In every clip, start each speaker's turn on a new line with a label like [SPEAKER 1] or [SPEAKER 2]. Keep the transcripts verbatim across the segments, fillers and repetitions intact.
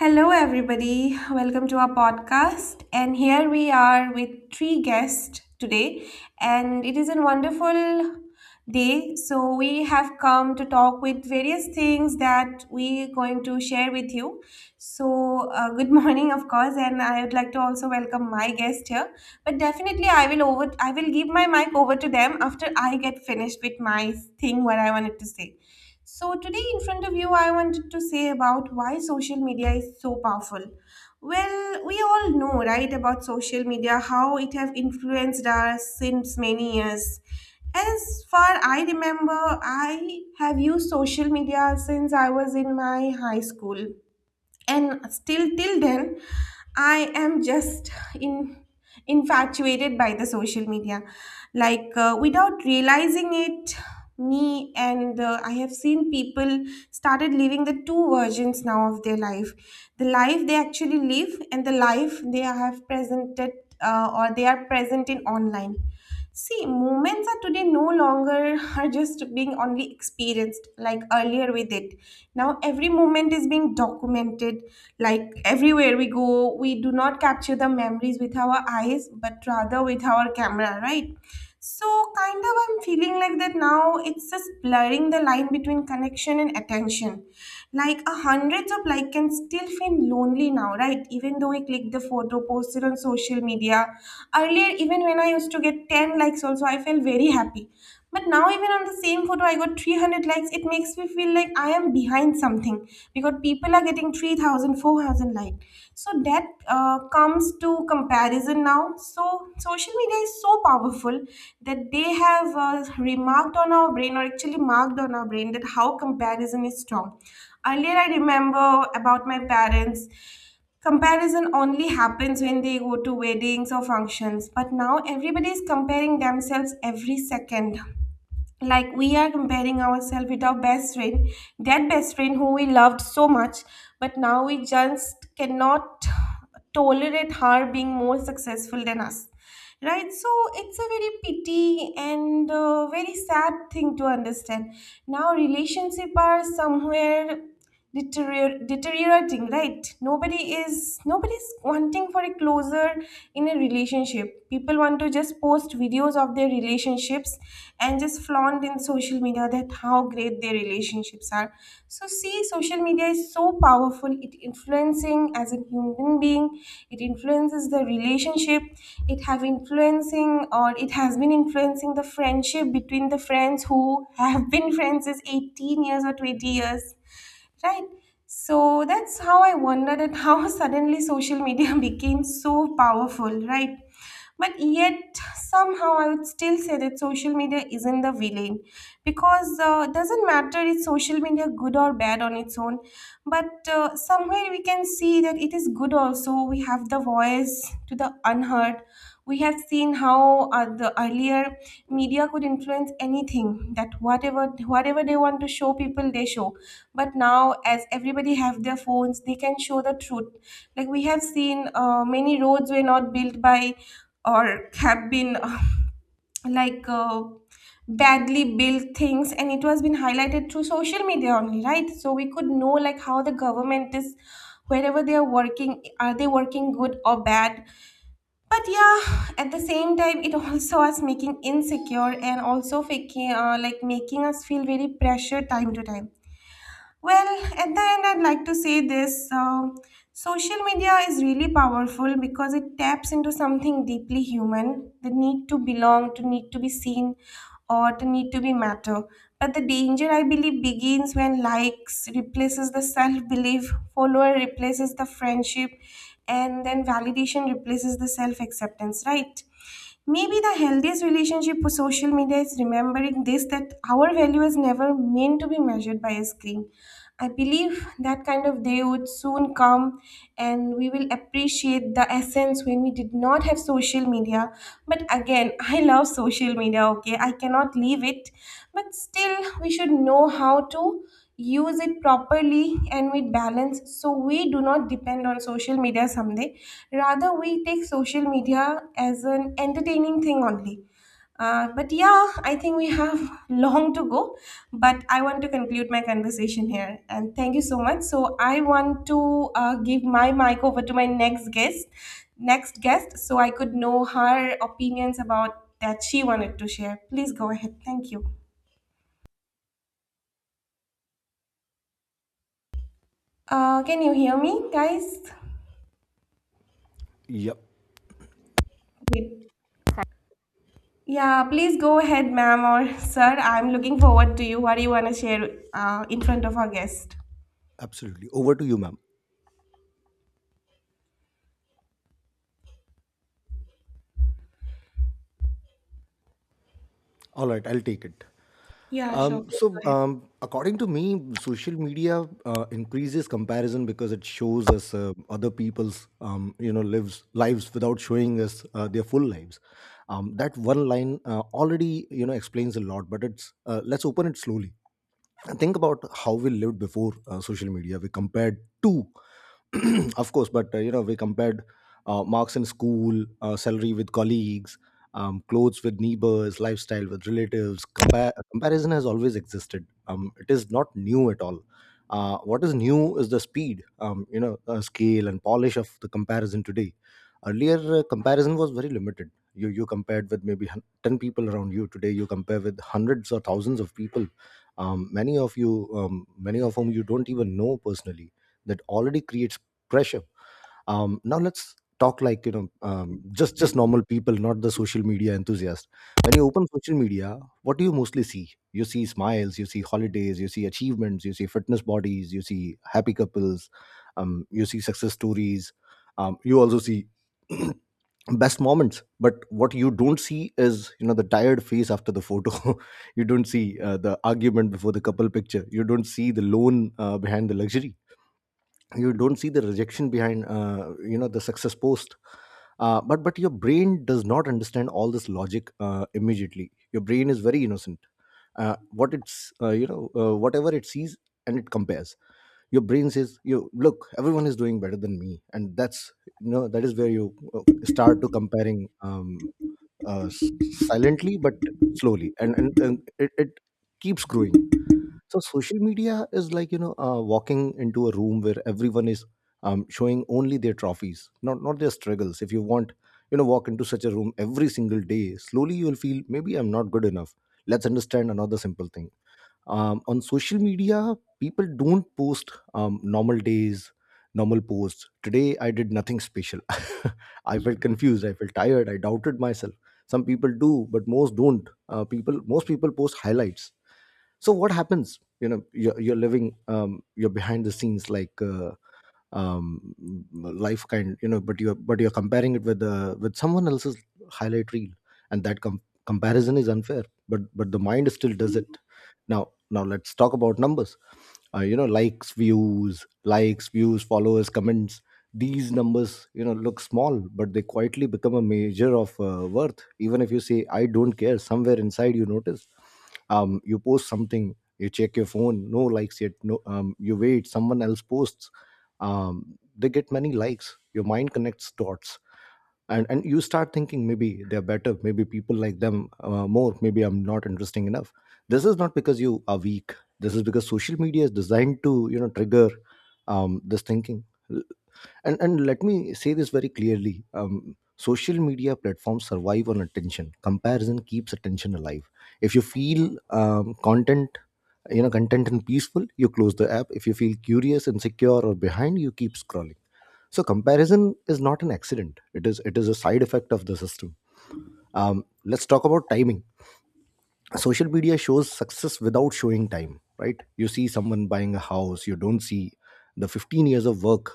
[SPEAKER 1] Hello, everybody. Welcome to our podcast. And here we are with three guests today. And it is a wonderful day. So we have come to talk with various things that we are going to share with you. So, uh, good morning, of course. And I would like to also welcome my guest here. But definitely, I will over. I will give my mic over to them after I get finished with my thing. What I wanted to say. So today in front of you, I wanted to say about why social media is so powerful. Well, we all know, right, about social media, how it have influenced us since many years. As far I remember, I have used social media since I was in my high school and still till then I am just in infatuated by the social media like uh, without realizing it. Me and uh, I have seen people started living the two versions now of their life, the life they actually live and the life they have presented uh, or they are present in online. See, moments are today no longer are just being only experienced like earlier with it. Now every moment is being documented. Like everywhere we go, we do not capture the memories with our eyes, but rather with our camera, right? So, kind of, I'm feeling like that now. It's just blurring the line between connection and attention. Like, a hundreds of like can still feel lonely now, right? Even though we click the photo, post it on social media. Earlier, even when I used to get ten likes, also, I felt very happy. But now, even on the same photo, I got three hundred likes. It makes me feel like I am behind something because people are getting three thousand, four thousand likes. So that uh, comes to comparison now. So social media is so powerful that they have uh, remarked on our brain or actually marked on our brain that how comparison is strong. Earlier, I remember about my parents. Comparison only happens when they go to weddings or functions, but now everybody is comparing themselves every second, like we are comparing ourselves with our best friend, that best friend who we loved so much, but now we just cannot tolerate her being more successful than us, right? So it's a very pity and uh, very sad thing to understand. Now relationship are somewhere deterior- deteriorating, right? Nobody is, nobody's wanting for a closer in a relationship. People want to just post videos of their relationships and just flaunt in social media that how great their relationships are. So see, social media is so powerful, it influencing as a human being, it influences the relationship, it have influencing or it has been influencing the friendship between the friends who have been friends is eighteen years or twenty years, right? So that's how I wondered at how suddenly social media became so powerful, right? But yet somehow I would still say that social media isn't the villain, because uh, it doesn't matter if social media good or bad on its own, but uh, somewhere we can see that it is good also. We we have the voice to the unheard. We have seen how uh, the earlier media could influence anything, that whatever whatever they want to show people, they show. But now as everybody have their phones, they can show the truth. Like we have seen uh, many roads were not built by or have been like uh, badly built things, and it was been highlighted through social media only, right? So we could know like how the government is, wherever they are working, are they working good or bad. But yeah, at the same time it also us making insecure and also faking, uh, like making us feel very pressure time to time. Well, at the end, I'd like to say this. Uh, social media is really powerful because it taps into something deeply human, the need to belong, to need to be seen, or to need to be matter. But the danger, I believe, begins when likes replaces the self belief, follower replaces the friendship, and then validation replaces the self acceptance, right? Maybe the healthiest relationship with social media is remembering this, that our value is never meant to be measured by a screen. I believe that kind of day would soon come and we will appreciate the essence when we did not have social media. But again, I love social media, okay? I cannot leave it. But still, we should know how to use it properly and with balance, so we do not depend on social media someday, rather we take social media as an entertaining thing only. Uh, but yeah, I think we have long to go. But I want to conclude my conversation here and thank you so much. So I want to uh, give my mic over to my next guest next guest, so I could know her opinions about that she wanted to share. Please go ahead, thank you. Uh, can you hear me, guys?
[SPEAKER 2] Yep,
[SPEAKER 1] Great. Yeah, please go ahead, ma'am or sir. I'm looking forward to you. What do you want to share uh, in front of our guest?
[SPEAKER 2] absolutely. Over to you, ma'am. All right, I'll take it.
[SPEAKER 1] Yeah, sure.
[SPEAKER 2] Um,
[SPEAKER 1] Please go
[SPEAKER 2] so,
[SPEAKER 1] ahead.
[SPEAKER 2] um, according to me, social media uh, increases comparison because it shows us uh, other people's, um, you know, lives lives without showing us uh, their full lives. Um, that one line uh, already, you know, explains a lot. But it's uh, let's open it slowly. And think about how we lived before uh, social media. We compared to, of course, but uh, you know, we compared uh, marks in school, uh, salary with colleagues, um, clothes with neighbors, lifestyle with relatives. Compar- comparison has always existed. Um, it is not new at all. Uh, what is new is the speed, um, you know, uh, scale and polish of the comparison today. Earlier, uh, comparison was very limited. You you compared with maybe hun- ten people around you. Today, you compare with hundreds or thousands of people, um, many of you um, many of whom you don't even know personally. That already creates pressure. Um, now let's talk like you know um, just just normal people, not the social media enthusiast. When you open social media, what do you mostly see? You see smiles, you see holidays, you see achievements, you see fitness bodies, you see happy couples. Um, you see success stories. Um, you also see best moments. But what you don't see is, you know, the tired face after the photo. You don't see uh, the argument before the couple picture. You don't see the loan uh, behind the luxury. You don't see the rejection behind, uh, you know, the success post. Uh, but but your brain does not understand all this logic uh, immediately. Your brain is very innocent. Uh, what it's uh, you know uh, whatever it sees, and it compares. Your brain says, you look, everyone is doing better than me. And that's, you know, that is where you uh, start to comparing. Um, uh, s- silently but slowly, and and, and it, it keeps growing. So social media is like, you know uh, walking into a room where everyone is, um, showing only their trophies, not not their struggles. If you want, you know, walk into such a room every single day, slowly you will feel maybe I'm not good enough. Let's understand another simple thing. Um, on social media, people don't post um, normal days, normal posts. Today I did nothing special. I felt confused, I felt tired, I doubted myself. Some people do, but most don't. Uh, people most people post highlights. So what happens, you know, you're, you're living, um, you're behind the scenes, like uh, um life kind, you know, but you're but you're comparing it with the with someone else's highlight reel. And that com- comparison is unfair, but but the mind still does it. Now now let's talk about numbers. Uh, you know likes views likes views followers, comments. These numbers, you know, look small, but they quietly become a measure of uh, worth. Even if you say I don't care, somewhere inside you notice. Um, you post something, you check your phone, no likes yet. No um, You wait, someone else posts. Um, they get many likes, your mind connects dots. And and you start thinking, maybe they're better, maybe people like them uh, more, maybe I'm not interesting enough. This is not because you are weak. This is because social media is designed to, you know, trigger, um, this thinking. And and let me say this very clearly, um, social media platforms survive on attention. Comparison keeps attention alive. If you feel, um, content you know content and peaceful, you close the app. If you feel curious, insecure, or behind, you keep scrolling. So comparison is not an accident, it is it is a side effect of the system. Um, let's talk about timing. Social media shows success without showing time, right? You see someone buying a house, you don't see the fifteen years of work.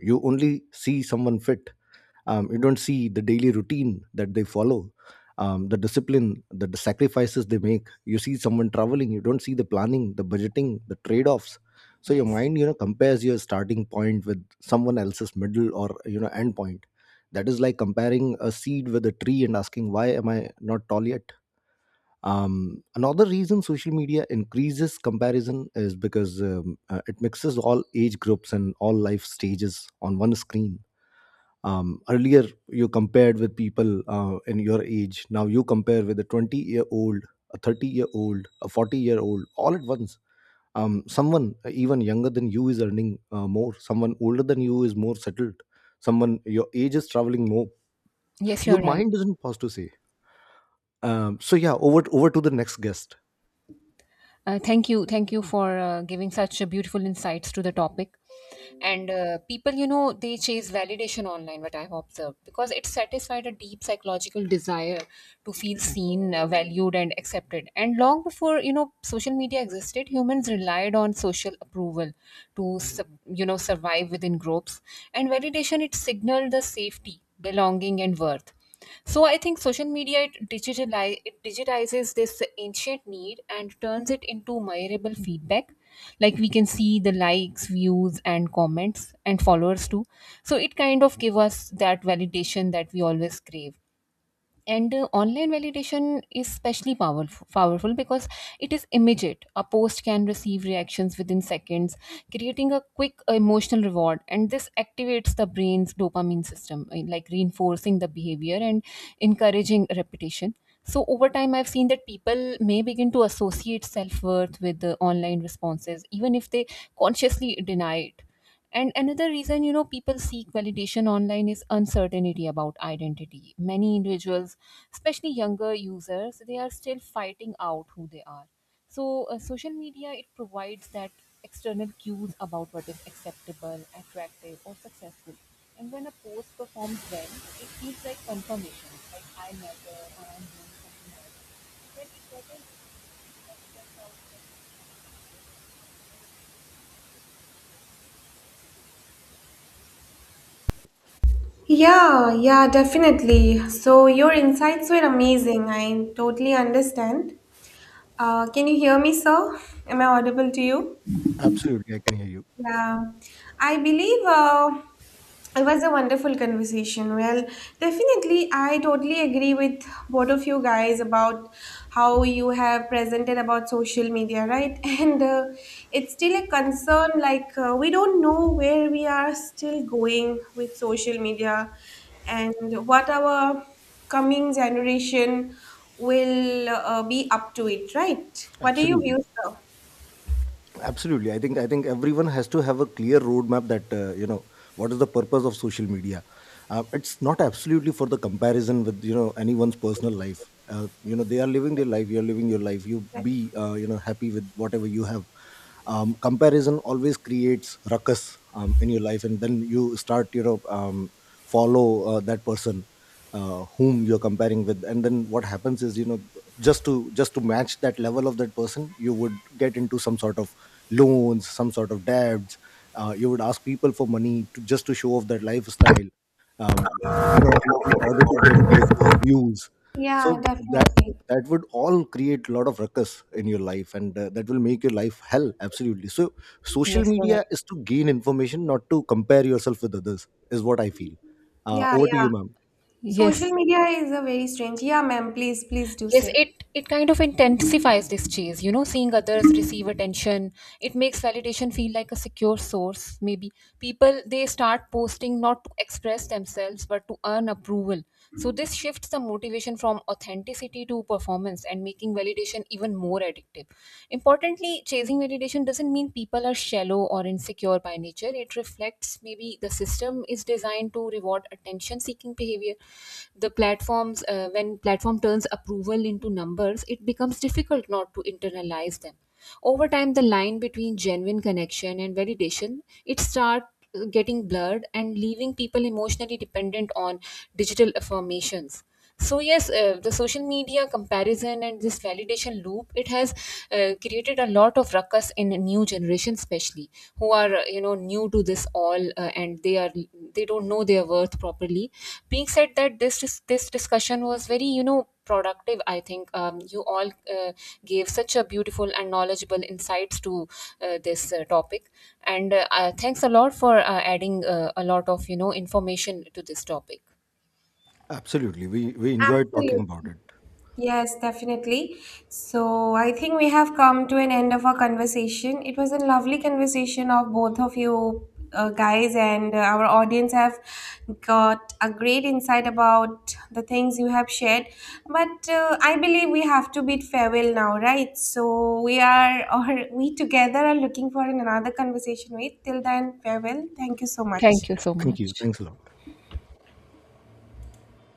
[SPEAKER 2] You only see someone fit, um, you don't see the daily routine that they follow, um, the discipline, the, the sacrifices they make. You see someone traveling, you don't see the planning, the budgeting, the trade-offs. So your
[SPEAKER 3] Yes,
[SPEAKER 2] mind, you know, compares your starting point with someone else's middle, or, you know, end point. That is like comparing a seed with a tree and asking, why am I not tall yet? Um, another reason social media increases comparison is because, um, uh, it mixes all age groups and all life stages on one screen. Um, earlier you compared with people uh, in your age. Now you compare with a twenty year old, a thirty year old, a forty year old, all at once. Um, someone uh, even younger than you is earning uh, more, someone older than you is more settled, someone your age is traveling more.
[SPEAKER 3] yes,
[SPEAKER 2] Your
[SPEAKER 3] you're right.
[SPEAKER 2] mind isn't pause to say. Um, so yeah, over over to the next guest.
[SPEAKER 3] Uh, thank you, thank you for uh, giving such a beautiful insights to the topic. And uh, people, you know, they chase validation online, what I've observed, because it satisfied a deep psychological desire to feel seen, uh, valued, and accepted. And long before, you know, social media existed, humans relied on social approval to, sub- you know, survive within groups. And validation, it signaled the safety, belonging, and worth. So I think social media it digitalize it digitizes this ancient need and turns it into measurable feedback. Like we can see the likes, views, and comments and followers too. So it kind of give us that validation that we always crave, and uh, online validation is especially powerful powerful because it is immediate. A post can receive reactions within seconds, creating a quick emotional reward, and this activates the brain's dopamine system, uh, like reinforcing the behavior and encouraging repetition. So over time I've seen that people may begin to associate self-worth with the online responses even if they consciously deny it. And another reason, you know, people seek validation online is uncertainty about identity. Many individuals, especially younger users, they are still fighting out who they are. So, uh, social media it provides that external cues about what is acceptable, attractive, or successful. And when a post performs well, it feels like confirmation, like I matter or I'm doing something right. When it doesn't, it feels like self-
[SPEAKER 1] Yeah, yeah, definitely. So your insights were amazing. I totally understand. Uh, can you hear me, sir? Am I audible to you?
[SPEAKER 2] Absolutely, I can hear you.
[SPEAKER 1] Yeah, I believe uh, it was a wonderful conversation. Well, definitely, I totally agree with both of you guys about how you have presented about social media, right? And uh, it's still a concern, like, uh, we don't know where we are still going with social media, and what our coming generation will uh, be up to it, right? What are your
[SPEAKER 2] Absolutely.
[SPEAKER 1] views, though?
[SPEAKER 2] Absolutely, i think i think everyone has to have a clear roadmap that, uh, you know, what is the purpose of social media. Uh, it's not absolutely for the comparison with, you know, anyone's personal life. Uh, you know, they are living their life, you're living your life. You
[SPEAKER 1] Exactly.
[SPEAKER 2] be, uh, you know, happy with whatever you have. Um, comparison always creates ruckus um, in your life, and then you start, you know, um, follow uh, that person uh, whom you're comparing with. And then what happens is, you know, just to just to match that level of that person, you would get into some sort of loans, some sort of debts. Uh, you would ask people for money to, just to show off that lifestyle. um, you know, in, in order to get those views.
[SPEAKER 1] Yeah,
[SPEAKER 2] So that,
[SPEAKER 1] definitely.
[SPEAKER 2] that would all create a lot of ruckus in your life, and uh, that will make your life hell. Absolutely. So social
[SPEAKER 3] Yes, you're right.
[SPEAKER 2] media is to gain information, not to compare yourself with others, is what I feel. Uh,
[SPEAKER 1] Yeah,
[SPEAKER 2] over to
[SPEAKER 1] yeah.
[SPEAKER 2] you, ma'am.
[SPEAKER 3] Yes,
[SPEAKER 1] Social media is a very strange. Yeah, ma'am, please, please do
[SPEAKER 3] yes,
[SPEAKER 1] say.
[SPEAKER 3] it it kind of intensifies this chase. You know, seeing others receive attention, it makes validation feel like a secure source. Maybe people they start posting not to express themselves but to earn approval. So this shifts the motivation from authenticity to performance, and making validation meditation even more addictive. Importantly, chasing meditation doesn't mean people are shallow or insecure by nature. It reflects maybe the system is designed to reward attention seeking behavior. The platforms, uh, when platform turns approval into numbers, it becomes difficult not to internalize them. Over time the line between genuine connection and validation, it start uh, getting blurred and leaving people emotionally dependent on digital affirmations. So yes, uh, the social media comparison and this validation loop, it has uh, created a lot of ruckus in a new generation, especially who are uh, you know new to this all, uh, and they are they don't know their worth properly. Being said that, this dis- this discussion was very, you know, productive. I think um, you all uh, gave such a beautiful and knowledgeable insights to uh, this uh, topic. And uh, uh, thanks a lot for uh, adding uh, a lot of, you know, information to this topic.
[SPEAKER 2] Absolutely, we we enjoyed talking about
[SPEAKER 1] Absolutely.
[SPEAKER 2] it.
[SPEAKER 1] Yes, definitely. So I think we have come to an end of our conversation. It was a lovely conversation of both of you uh, guys, and uh, our audience have got a great insight about the things you have shared. But uh, I believe we have to bid farewell now, right? So we are, or we together are looking for another conversation with. Till then, farewell. Thank you so much.
[SPEAKER 3] Thank you so
[SPEAKER 2] Thank you,
[SPEAKER 3] much.
[SPEAKER 2] thanks a lot.